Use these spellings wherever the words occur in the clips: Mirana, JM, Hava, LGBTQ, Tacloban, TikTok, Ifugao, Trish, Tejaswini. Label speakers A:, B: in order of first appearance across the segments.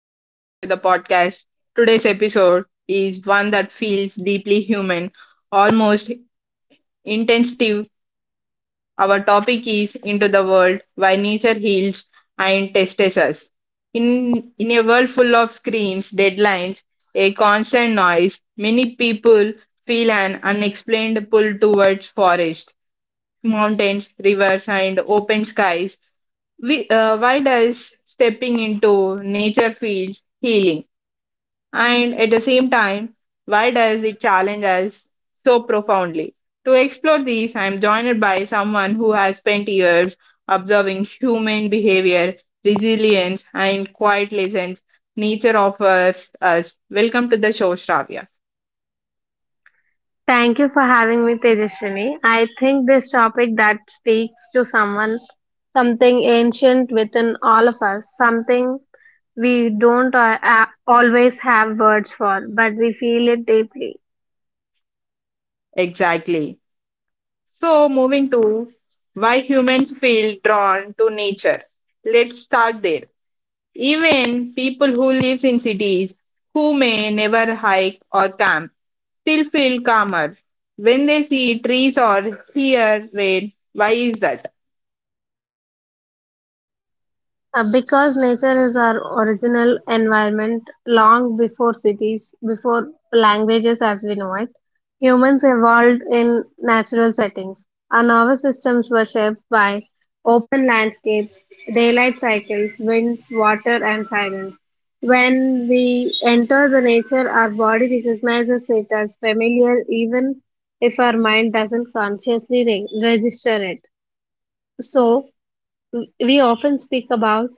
A: welcome back to the podcast. Today's episode is one that feels deeply human, almost intensive. Our topic is Into the World: Why Nature Heals and Tests Us. In a world full of screens, deadlines, a constant noise, many people feel an unexplained pull towards forests, mountains, rivers, and open skies. Why does stepping into nature feels healing, and at the same time, why does it challenge us so profoundly? To explore these, I'm joined by someone who has spent years observing human behavior, resilience, and quiet lessons nature offers us. Welcome to the show, Shravya.
B: Thank you for having me, Tejaswini. I think this topic that speaks to someone, something ancient within all of us, something we don't always have words for, but we feel it deeply.
A: Exactly. So moving to why humans feel drawn to nature, let's start there. Even people who live in cities, who may never hike or camp, still feel calmer when they see trees or hear rain. Why is that?
B: Because nature is our original environment long before cities, before languages as we know it, humans evolved in natural settings. Our nervous systems were shaped by open landscapes, daylight cycles, winds, water, and silence. When we enter the nature, our body recognizes it as familiar, even if our mind doesn't consciously register it. So, we often speak about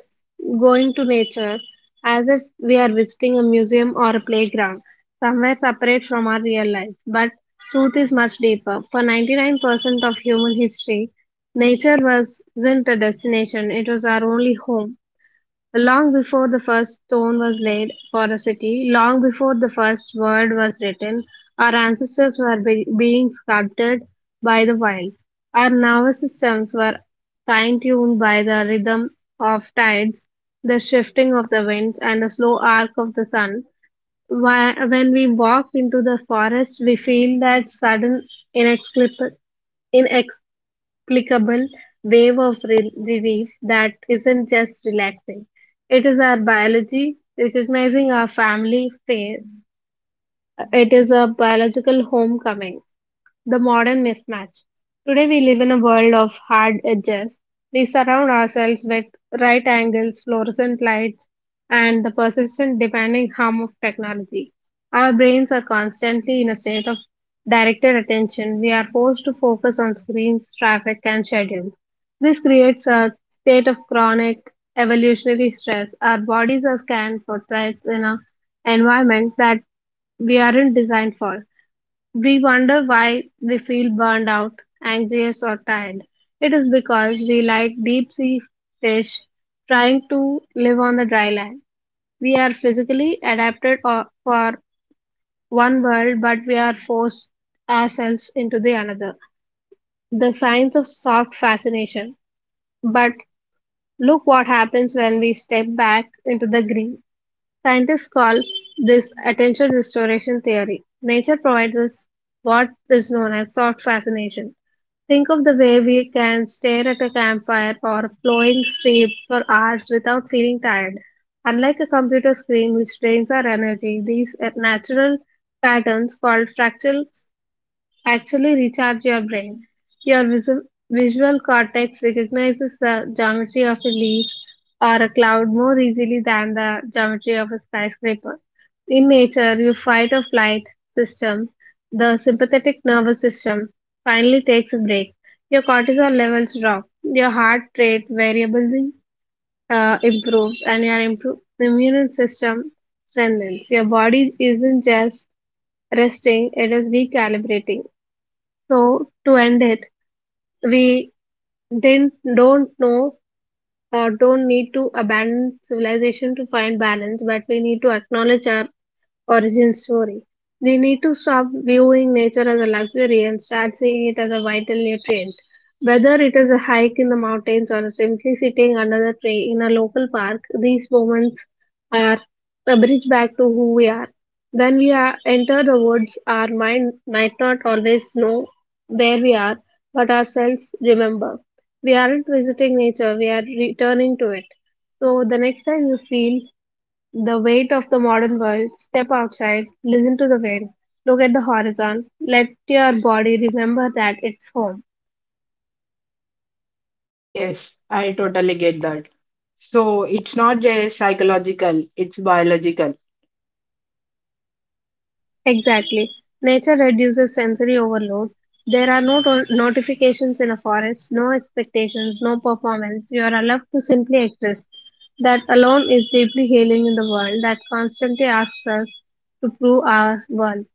B: going to nature as if we are visiting a museum or a playground, somewhere separate from our real lives. But truth is much deeper. For 99% of human history, nature wasn't a destination, it was our only home. Long before the first stone was laid for a city, long before the first word was written, our ancestors were being sculpted by the wild. Our nervous systems were fine tuned by the rhythm of tides, the shifting of the winds, and the slow arc of the sun. When we walk into the forest, we feel that sudden, inexplicable clickable wave of relief that isn't just relaxing. It is our biology recognizing our family phase. It is a biological homecoming the modern mismatch. Today we live in a world of hard edges. We surround ourselves with right angles, fluorescent lights, and the persistent demanding harm of technology. Our brains are constantly in a state of directed attention. We are forced to focus on screens, traffic, and schedules. This creates a state of chronic evolutionary stress. Our bodies are scanned for threats in an environment that we aren't designed for. We wonder why we feel burned out, anxious, or tired. It is because we, like deep sea fish, trying to live on the dry land. We are physically adapted for one world, but we are forced ourselves into the another. The science of soft fascination. But look what happens when we step back into the green. Scientists call this attention restoration theory. Nature provides us what is known as soft fascination. Think of the way we can stare at a campfire or a flowing stream for hours without feeling tired. Unlike a computer screen which drains our energy, these are natural patterns called fractal actually recharge your brain. Your visual cortex recognizes the geometry of a leaf or a cloud more easily than the geometry of a skyscraper. In nature, your fight or flight system, the sympathetic nervous system, finally takes a break. Your cortisol levels drop, your heart rate variability improves, and your immune system strengthens. Your body isn't just resting, it is recalibrating. So to end it, we didn't don't know or don't need to abandon civilization to find balance, but we need to acknowledge our origin story. We need to stop viewing nature as a luxury and start seeing it as a vital nutrient. Whether it is a hike in the mountains or simply sitting under the tree in a local park, these moments are a bridge back to who we are. When enter the woods, our mind might not always know where we are, but our cells remember. We aren't visiting nature, we are returning to it. So the next time you feel the weight of the modern world, step outside, listen to the wind, look at the horizon, let your body remember that it's home.
A: Yes, I totally get that. So it's not just psychological, it's biological.
B: Exactly. Nature reduces sensory overload. There are no notifications in a forest, no expectations, no performance. You are allowed to simply exist. That alone is deeply healing in the world that constantly asks us to prove our worth.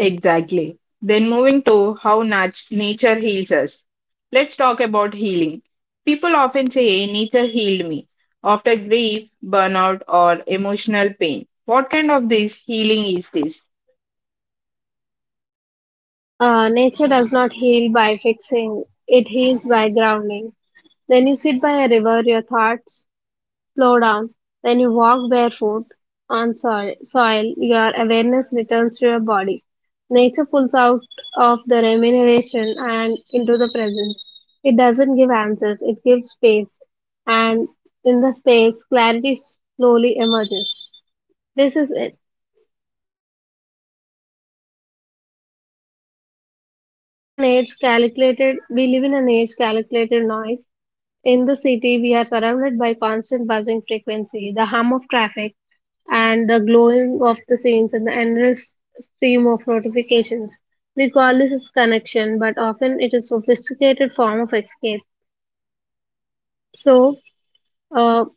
A: Exactly. Then moving to how nature heals us. Let's talk about healing. People often say nature healed me after grief, burnout, or emotional pain. What kind of this healing is this?
B: Nature does not heal by fixing, it heals by grounding. When you sit by a river, your thoughts slow down. When you walk barefoot on soil, your awareness returns to your body. Nature pulls out of the remuneration and into the present. It doesn't give answers, it gives space. And in the space, clarity slowly emerges. This is it. In an age calculated, we live in an age calculated noise. In the city, we are surrounded by constant buzzing frequency, the hum of traffic, and the glowing of the scenes and the endless stream of notifications. We call this as connection, but often it is sophisticated form of escape. So, uh,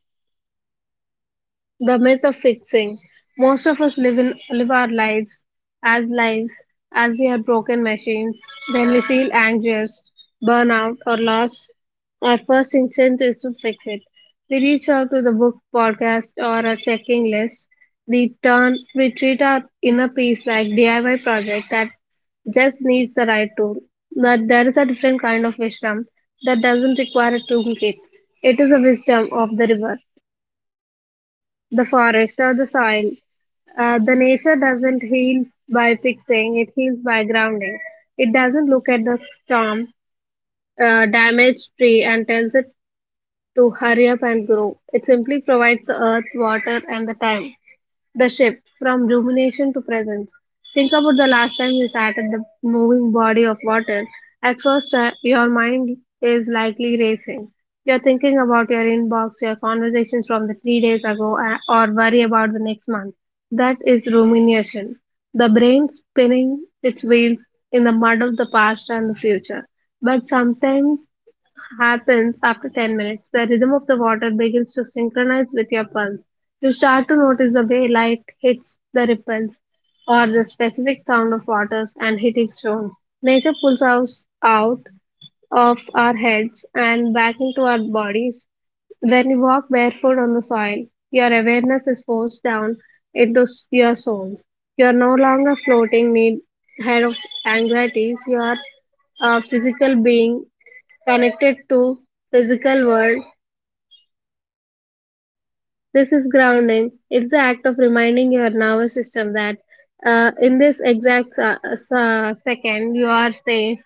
B: the myth of fixing. Most of us live in live our lives as they are broken machines. Then we feel anxious, burnout, or lost. Our first instinct is to fix it. We reach out to the book, podcast, or a checking list. We treat our inner peace like DIY project that just needs the right tool. But there is a different kind of wisdom that doesn't require a toolkit. It is a wisdom of the river the forest or the soil. The nature doesn't heal by fixing, it heals by grounding. It doesn't look at the storm, damaged tree, and tells it to hurry up and grow. It simply provides the earth, water, and the time. The shift from rumination to presence. Think about the last time you sat at the moving body of water. At first, your mind is likely racing. You're thinking about your inbox, your conversations from the 3 days ago, or worry about the next month. That is rumination. The brain spinning its wheels in the mud of the past and the future. But sometimes happens after 10 minutes. The rhythm of the water begins to synchronize with your pulse. You start to notice the way light hits the ripples or the specific sound of waters and hitting stones. Nature pulls us out of our heads and back into our bodies. When you walk barefoot on the soil, your awareness is forced down into your soles. You are no longer floating mid head of anxieties. You are a physical being connected to physical world. This is grounding. It's the act of reminding your nervous system that in this exact second you are safe,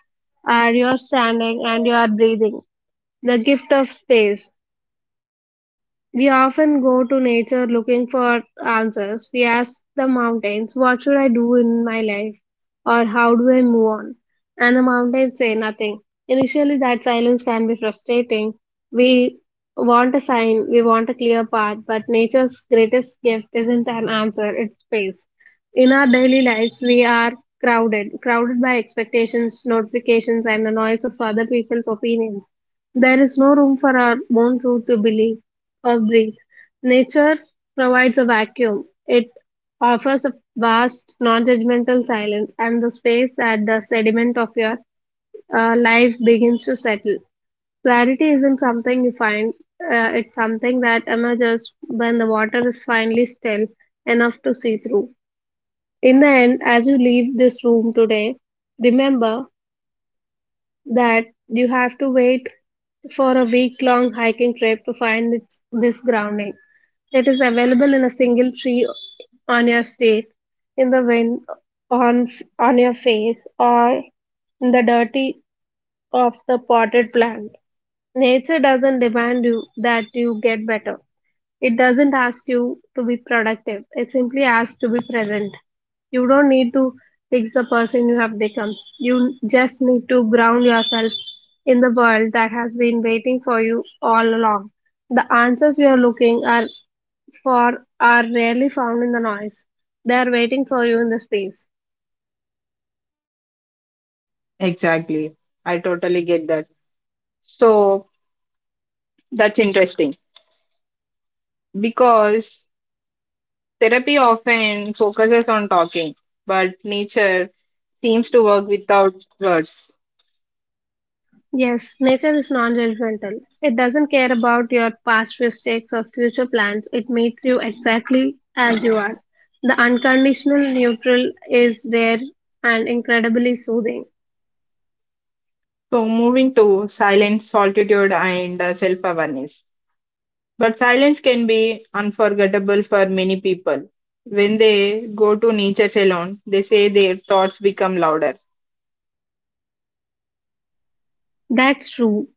B: you are standing and you are breathing. The gift of space. We often go to nature looking for answers. We ask the mountains, what should I do in my life? Or how do I move on? And the mountains say nothing. Initially, that silence can be frustrating. We want a sign, we want a clear path, but nature's greatest gift isn't an answer, it's space. In our daily lives, we are crowded by expectations, notifications, and the noise of other people's opinions. There is no room for our own truth to believe of breathe. Nature provides a vacuum. It offers a vast, non-judgmental silence and the space that the sediment of your life begins to settle. Clarity isn't something you find. It's something that emerges when the water is finally still enough to see through. In the end, as you leave this room today, remember that you have to wait for a week long hiking trip to find this grounding. It is available in a single tree on your steak, in the wind, on on your face, or in the dirty of the potted plant. Nature doesn't demand you that you get better. It doesn't ask you to be productive. It simply asks to be present. You don't need to fix the person you have become. You just need to ground yourself in the world that has been waiting for you all along. The answers you are looking are for are rarely found in the noise. They are waiting for you in the space.
A: Exactly. I totally get that. So that's interesting because therapy often focuses on talking, but nature seems to work without words.
B: Yes, nature is non-judgmental. It doesn't care about your past mistakes or future plans. It meets you exactly as you are. The unconditional neutral is rare and incredibly soothing.
A: So moving to silence, solitude, and self awareness. But silence can be unforgettable for many people. When they go to nature salon, they say their thoughts become louder.
B: That's true.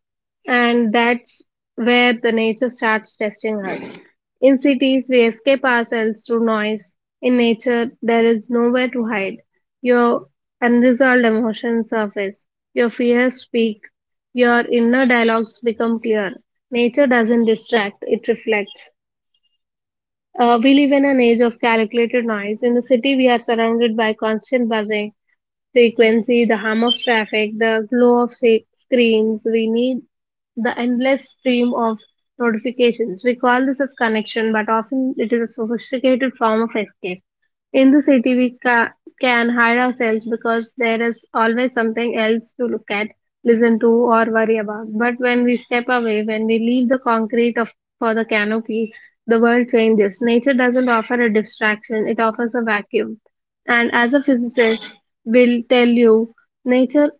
B: And that's where the nature starts testing us. In cities, we escape ourselves through noise. In nature, there is nowhere to hide. Your unresolved emotions surface. Your fears speak. Your inner dialogues become clear. Nature doesn't distract, it reflects. We live in an age of calculated noise. In the city, we are surrounded by constant buzzing frequency, the hum of traffic, the glow of screens. We need the endless stream of notifications. We call this as connection, but often it is a sophisticated form of escape. In the city, we can hide ourselves because there is always something else to look at, listen to, or worry about. But when we step away, when we leave the concrete of for the canopy, the world changes. Nature doesn't offer a distraction; it offers a vacuum. And as a physicist will tell you, nature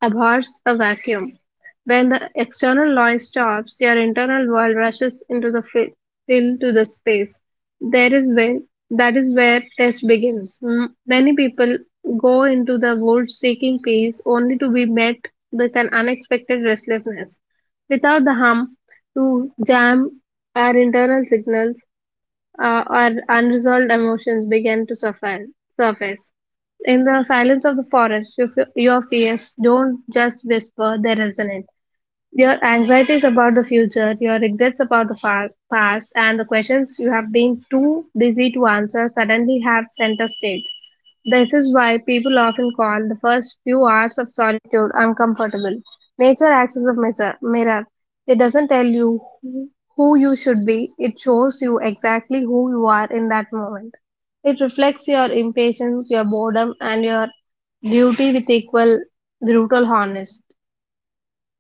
B: abhors a vacuum. When the external noise stops, your internal world rushes into the fill to the space. There is where that is where test begins. Many people go into the woods seeking peace, only to be met with an unexpected restlessness. Without the hum to jam our internal signals, or unresolved emotions began to surface. In the silence of the forest, your fears don't just whisper, they resonate. Your anxieties about the future, your regrets about past, and the questions you have been too busy to answer suddenly have center stage. This is why people often call the first few hours of solitude uncomfortable. Nature acts as a mirror. It doesn't tell you who you should be, it shows you exactly who you are in that moment. It reflects your impatience, your boredom, and your beauty with equal brutal harness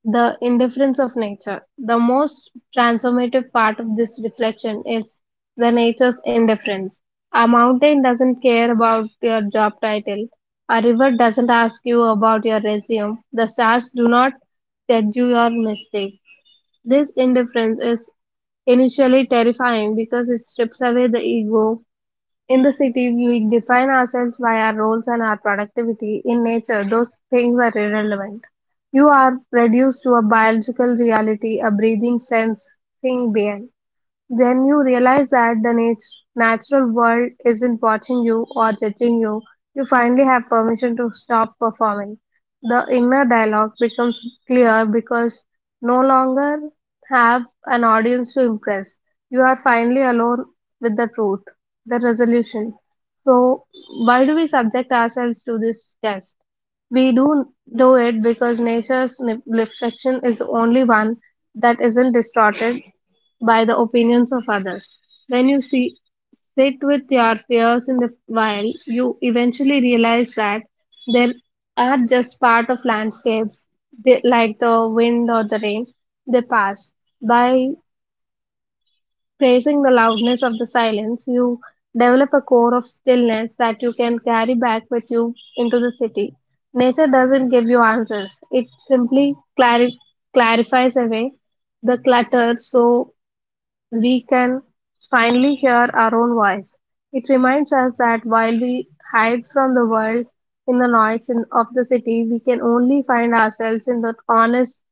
B: the indifference of nature. The most transformative part of this reflection is the nature's indifference. A mountain doesn't care about your job title. A river doesn't ask you about your resume. The stars do not judge you your mistake. This indifference is initially terrifying because it strips away the ego. In the city, we define ourselves by our roles and our productivity. In nature, those things are irrelevant. You are reduced to a biological reality, a breathing, sensing being. Then you realize that natural world isn't watching you or judging you. You finally have permission to stop performing. The inner dialogue becomes clear because no longer have an audience to impress. You are finally alone with the truth, the resolution. So, why do we subject ourselves to this test? We do it because nature's reflection is the only one that isn't distorted by the opinions of others. When sit with your fears in the wild, you eventually realize that they are just part of landscapes, they, like the wind or the rain. They pass. By praising the loudness of the silence, you develop a core of stillness that you can carry back with you into the city. Nature doesn't give you answers; it simply clarifies away the clutter so we can finally hear our own voice. It reminds us that while we hide from the world in the of the city, we can only find ourselves in the honest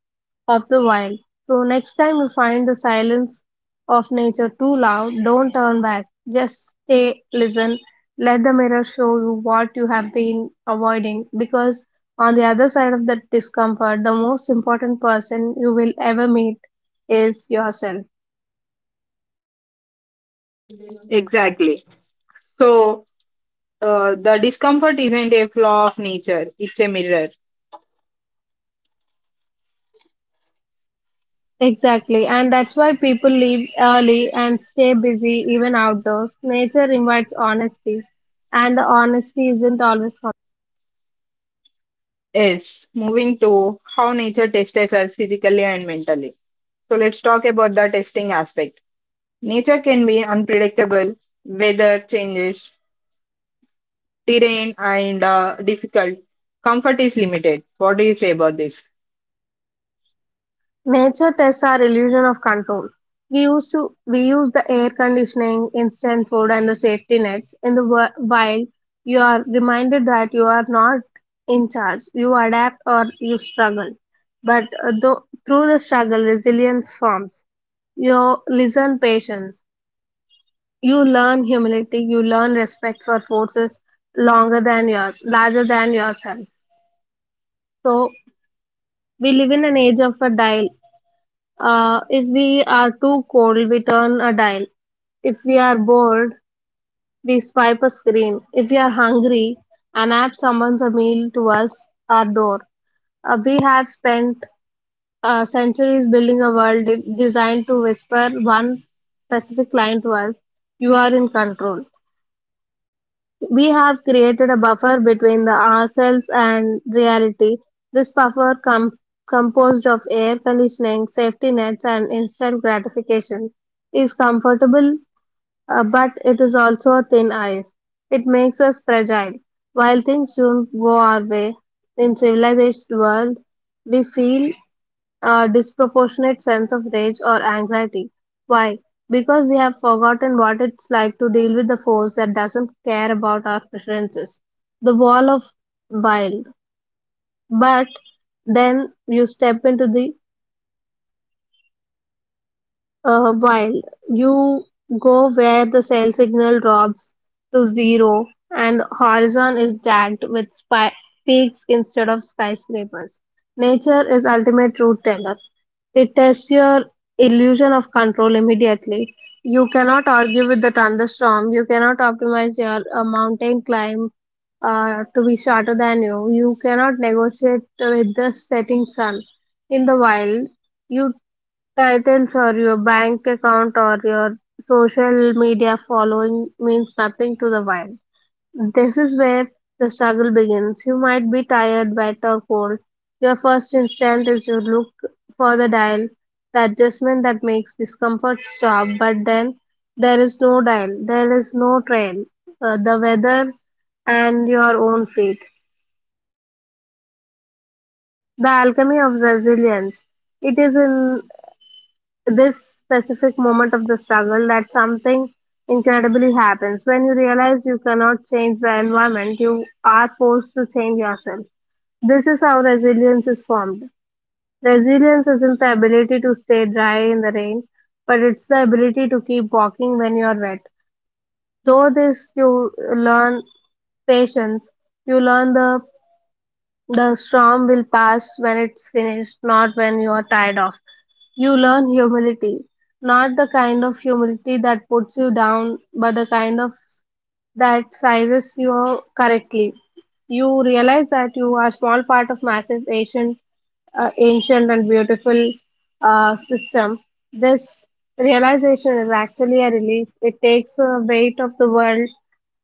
B: of the wild. So, next time you find the silence of nature too loud, don't turn back. Just stay, listen, let the mirror show you what you have been avoiding. Because on the other side of that discomfort, the most important person you will ever meet is yourself.
A: Exactly. So the discomfort isn't a flaw of nature, it's a mirror.
B: Exactly, and that's why people leave early and stay busy even outdoors. Nature invites honesty, and the honesty isn't always honest.
A: Yes, moving to how nature tests us physically and mentally. So, let's talk about the testing aspect. Nature can be unpredictable, weather changes, terrain, and difficult. Comfort is limited. What do you say about this?
B: Nature tests our illusion of control. We use the air conditioning, instant food, and the safety nets. In the wild, you are reminded that you are not in charge. You adapt or you struggle, but through the struggle, resilience forms. You listen patience. You learn humility, you learn respect for forces longer than your larger than yourself. So we live in an age of a dial. If we are too cold, we turn a dial. If we are bored, we swipe a screen. If we are hungry, an app summons a meal to us, our door. We have spent centuries building a world designed to whisper one specific line to us. You are in control. We have created a buffer between the ourselves and reality. This buffer composed of air conditioning, safety nets, and instant gratification is comfortable, but it is also thin ice. It makes us fragile. While things don't go our way in civilized world, we feel a disproportionate sense of rage or anxiety. Why? Because we have forgotten what it's like to deal with the force that doesn't care about our preferences. The wall of wild. But then you step into the wild. You go where the cell signal drops to zero and horizon is jagged with peaks instead of skyscrapers. Nature is ultimate truth teller. It tests your illusion of control immediately. You cannot argue with the thunderstorm. You cannot optimize your mountain climb to be shorter than you. You cannot negotiate with the setting sun. In the wild, your titles or your bank account or your social media following means nothing to the wild. This is where the struggle begins. You might be tired, wet, or cold. Your first instinct is to look for the dial, the adjustment that makes discomfort stop, but then there is no dial, there is no trail, the weather and your own fate. The alchemy of resilience. It is in this specific moment of the struggle that something incredibly happens. When you realize you cannot change the environment, you are forced to change yourself. This is how resilience is formed. Resilience isn't the ability to stay dry in the rain, but it's the ability to keep walking when you are wet. Though this you learn patience, you learn the storm will pass when it's finished, not when you're tired of. You learn humility. Not the kind of humility that puts you down, but the kind of that sizes you correctly. You realize that you are small part of massive ancient, ancient and beautiful system. This realization is actually a release. It takes the weight of the world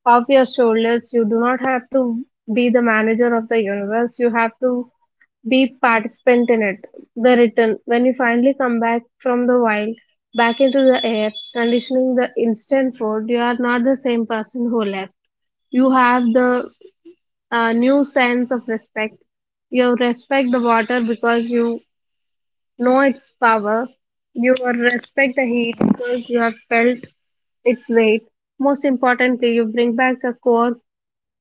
B: off your shoulders. You do not have to be the manager of the universe. You have to be participant in it. The return, when you finally come back from the wild, back into the air, conditioning the instant food, you are not the same person who left. You have the new sense of respect. You respect the water because you know its power. You respect the heat because you have felt its weight. Most importantly, you bring back a core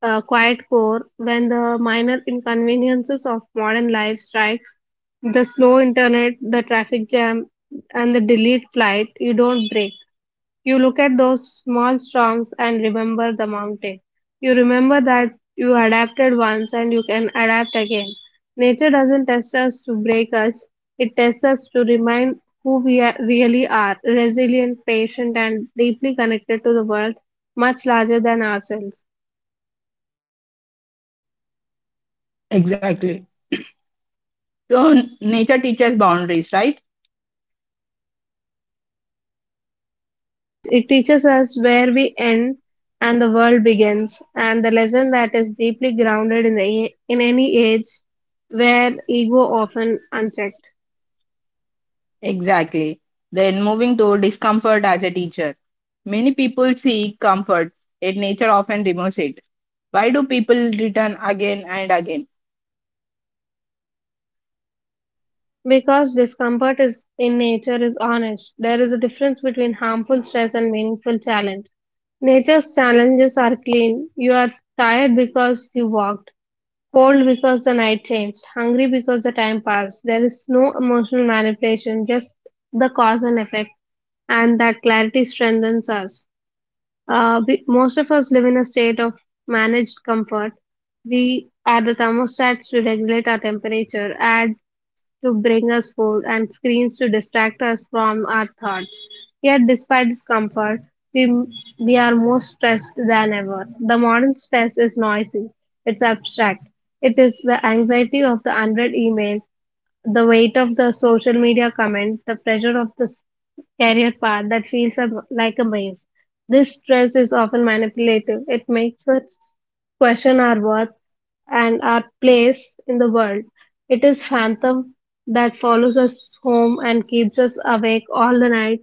B: quiet core. When the minor inconveniences of modern life strikes, the slow internet, the traffic jam, and the delayed flight, you don't break. You look at those small storms and remember the mountain. You remember that you adapted once and you can adapt again. Nature doesn't test us to break us, it tests us to remind who we are, really are resilient patient and deeply connected to the world much larger than ourselves.
A: Exactly. So nature teaches boundaries, right?
B: Yes, it teaches us where we end and the world begins, and the lesson that is deeply grounded in, the, in any age where ego often unchecked.
A: Exactly. Then moving to discomfort as a teacher. Many people seek comfort, yet nature often removes it. Why do people return again and again?
B: Because discomfort is in nature is honest, there is a difference between harmful stress and meaningful challenge. Nature's challenges are clean. You are tired because you walked, cold because the night changed, hungry because the time passed. There is no emotional manipulation, just the cause and effect, and that clarity strengthens us. Most of us live in a state of managed comfort. We are the thermostats to regulate our temperature, ads to bring us food, and screens to distract us from our thoughts. Yet, despite this comfort, we, we are more stressed than ever. The modern stress is noisy, it's abstract. It is the anxiety of the unread email, the weight of the social media comment, the pressure of the career path that feels a, like a maze. This stress is often manipulative. It makes us question our worth and our place in the world. It is phantom that follows us home and keeps us awake all the night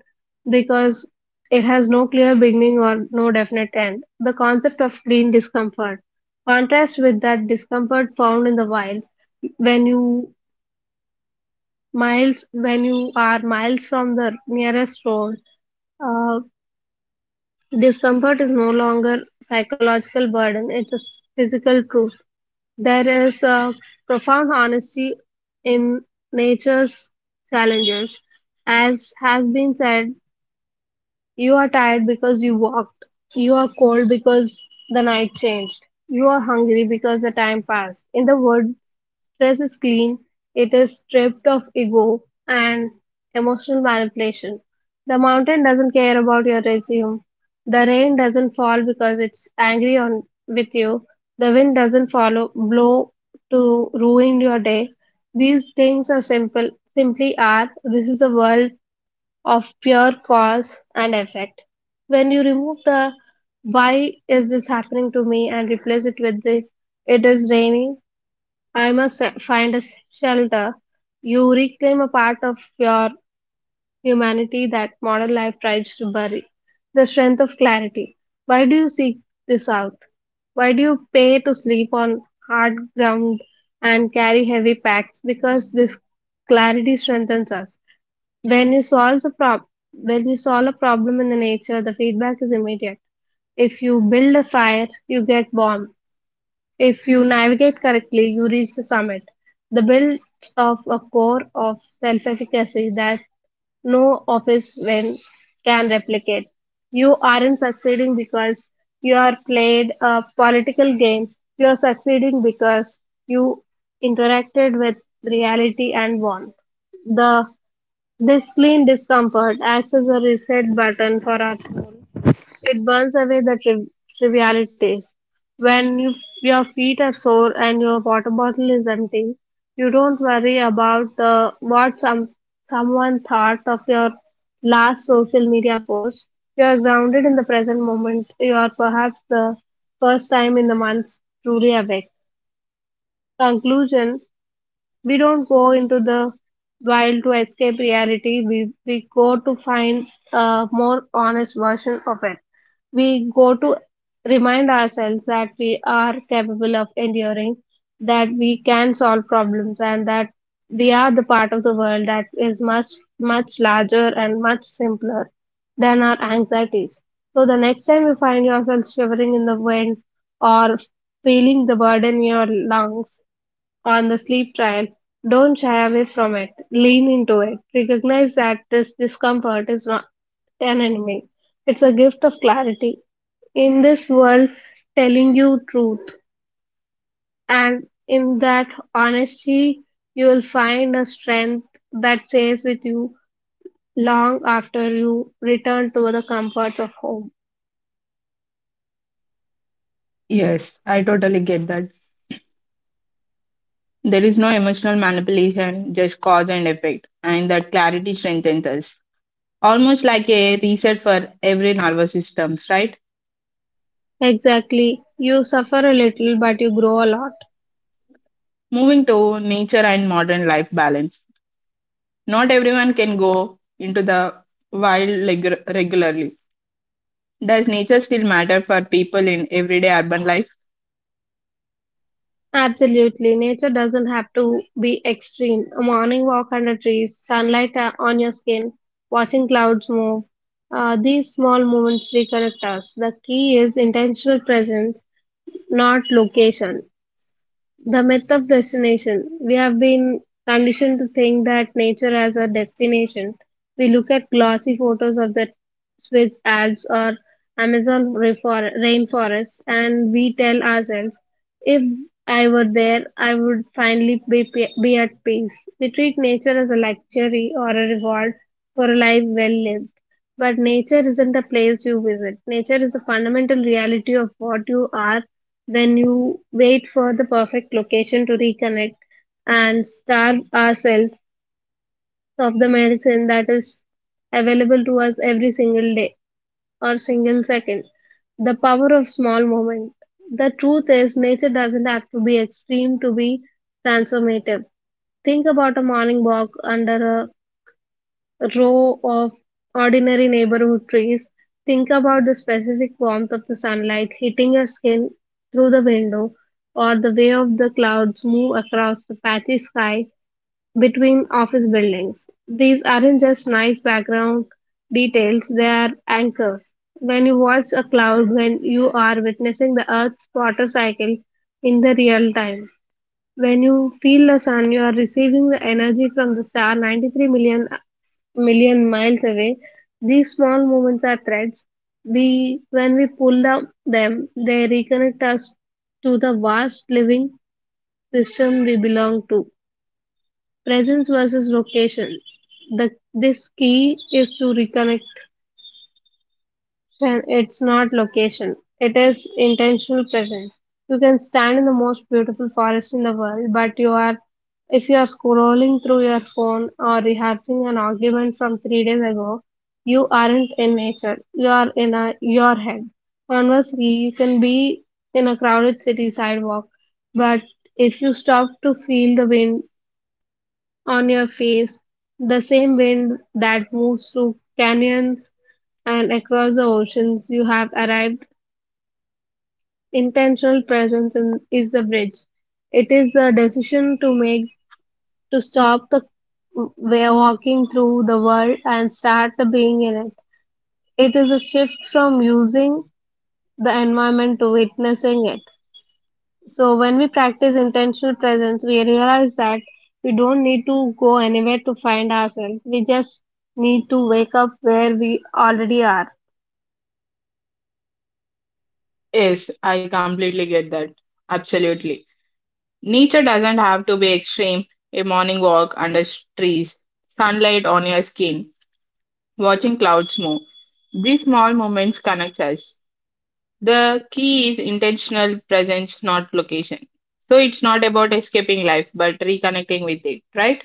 B: because it has no clear beginning or no definite end. The concept of clean discomfort. Contrast with that discomfort found in the wild when you miles when you are miles from the nearest road, Uh, discomfort is no longer psychological burden; it's a physical truth. There is a profound honesty in nature's challenges, as has been said. You are tired because you walked. You are cold because the night changed. You are hungry because the time passed. In the woods, stress is clean, it is stripped of ego and emotional manipulation. The mountain doesn't care about your resume. The rain doesn't fall because it's angry on with you. The wind doesn't follow blow to ruin your day. These things are simple simply are this is the world of pure cause and effect. When you remove the why is this happening to me and replace it with the it is raining, I must find a shelter, you reclaim a part of your humanity that modern life tries to bury. The strength of clarity. Why do you seek this out? Why do you pay to sleep on hard ground and carry heavy packs? Because this clarity strengthens us. when you solve the prob when you solve a problem in the nature, the feedback is immediate. If you build a fire you get warm. If you navigate correctly you reach the summit. The build of a core of self efficacy that no office when can replicate. You aren't succeeding because you are played a political game, you are succeeding because you interacted with reality and won. The This clean discomfort acts as a reset button for our soul. It burns away the trivialities. When you, your feet are sore and your water bottle is empty. You don't worry about what someone thought of your last social media post. You are grounded in the present moment. You are, perhaps the first time in the months, truly awake. Conclusion: we don't go into the wild to escape reality. We go to find a more honest version of it. We go to remind ourselves that we are capable of enduring, that we can solve problems, and that we are the part of the world that is much, much larger and much simpler than our anxieties. So the next time you find yourself shivering in the wind or feeling the burden in your lungs, on the sleep trial, don't shy away from it. Lean into it. Recognize that this discomfort is not an enemy. It's a gift of clarity. In this world, telling you truth, and in that honesty, you will find a strength that stays with you long after you return to the comforts of home.
A: Yes, I totally get that. There is no emotional manipulation, just cause and effect, and that clarity strengthens us. Almost like a reset for every nervous systems, right?
B: Exactly. You suffer a little, but you grow a lot.
A: Moving to nature and modern life balance. Not everyone can go into the wild regularly. Does nature still matter for people in everyday urban life?
B: Absolutely. Nature doesn't have to be extreme. A morning walk under trees, sunlight on your skin, watching clouds move. These small moments reconnect us. The key is intentional presence, not location. The myth of destination. We have been conditioned to think that nature has a destination. We look at glossy photos of the Swiss Alps or Amazon rainforest and we tell ourselves, if I were there, I would finally be at peace. We treat nature as a luxury or a reward for a life well lived. But nature isn't a place you visit. Nature is a fundamental reality of what you are when you wait for the perfect location to reconnect and starve ourselves of the medicine that is available to us every single day or single second. The power of small moments. The truth is, nature doesn't have to be extreme to be transformative. Think about a morning walk under a row of ordinary neighborhood trees. Think about the specific warmth of the sunlight hitting your skin through the window, or the way of the clouds move across the patchy sky between office buildings. These aren't just nice background details, they are anchors. When you watch a cloud, when you are witnessing the Earth's water cycle in the real time. When you feel the sun, you are receiving the energy from the star 93 million miles away. These small moments are threads. We, when we pull down them, they reconnect us to the vast living system we belong to. Presence versus location. This key is to reconnect. Then it's not location, it is intentional presence. You can stand in the most beautiful forest in the world, but you are if you are scrolling through your phone or rehearsing an argument from 3 days ago, you aren't in nature. You are in a your head. Conversely, you can be in a crowded city sidewalk, but if you stop to feel the wind on your face, the same wind that moves through canyons and across the oceans, you have arrived. Intentional presence is the bridge. It is the decision to make, to stop the way of walking through the world and start the being in it. It is a shift from using the environment to witnessing it. So when we practice intentional presence, we realize that we don't need to go anywhere to find ourselves. We just need to wake up where we already are.
A: Yes, I completely get that. Absolutely. Nature doesn't have to be extreme. A morning walk under trees, sunlight on your skin, watching clouds move. These small moments connect us. The key is intentional presence, not location. So it's not about escaping life, but reconnecting with it, right?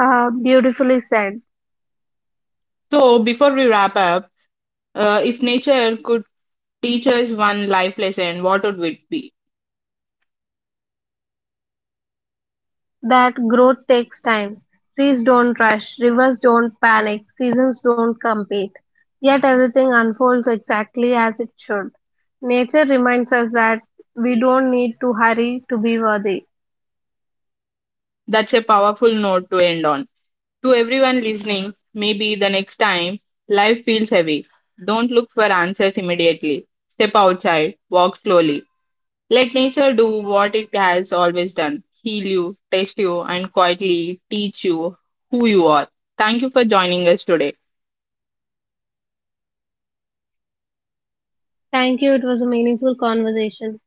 B: Beautifully said.
A: So before we wrap up, if nature could teach us one life lesson, what would it be?
B: That growth takes time. Trees don't rush, rivers don't panic, seasons don't compete. Yet everything unfolds exactly as it should. Nature reminds us that we don't need to hurry to be worthy.
A: That's a powerful note to end on. To everyone listening, maybe the next time life feels heavy, don't look for answers immediately. Step outside, walk slowly. Let nature do what it has always done: heal you, test you, and quietly teach you who you are. Thank you for joining us today.
B: Thank you. It was a meaningful conversation.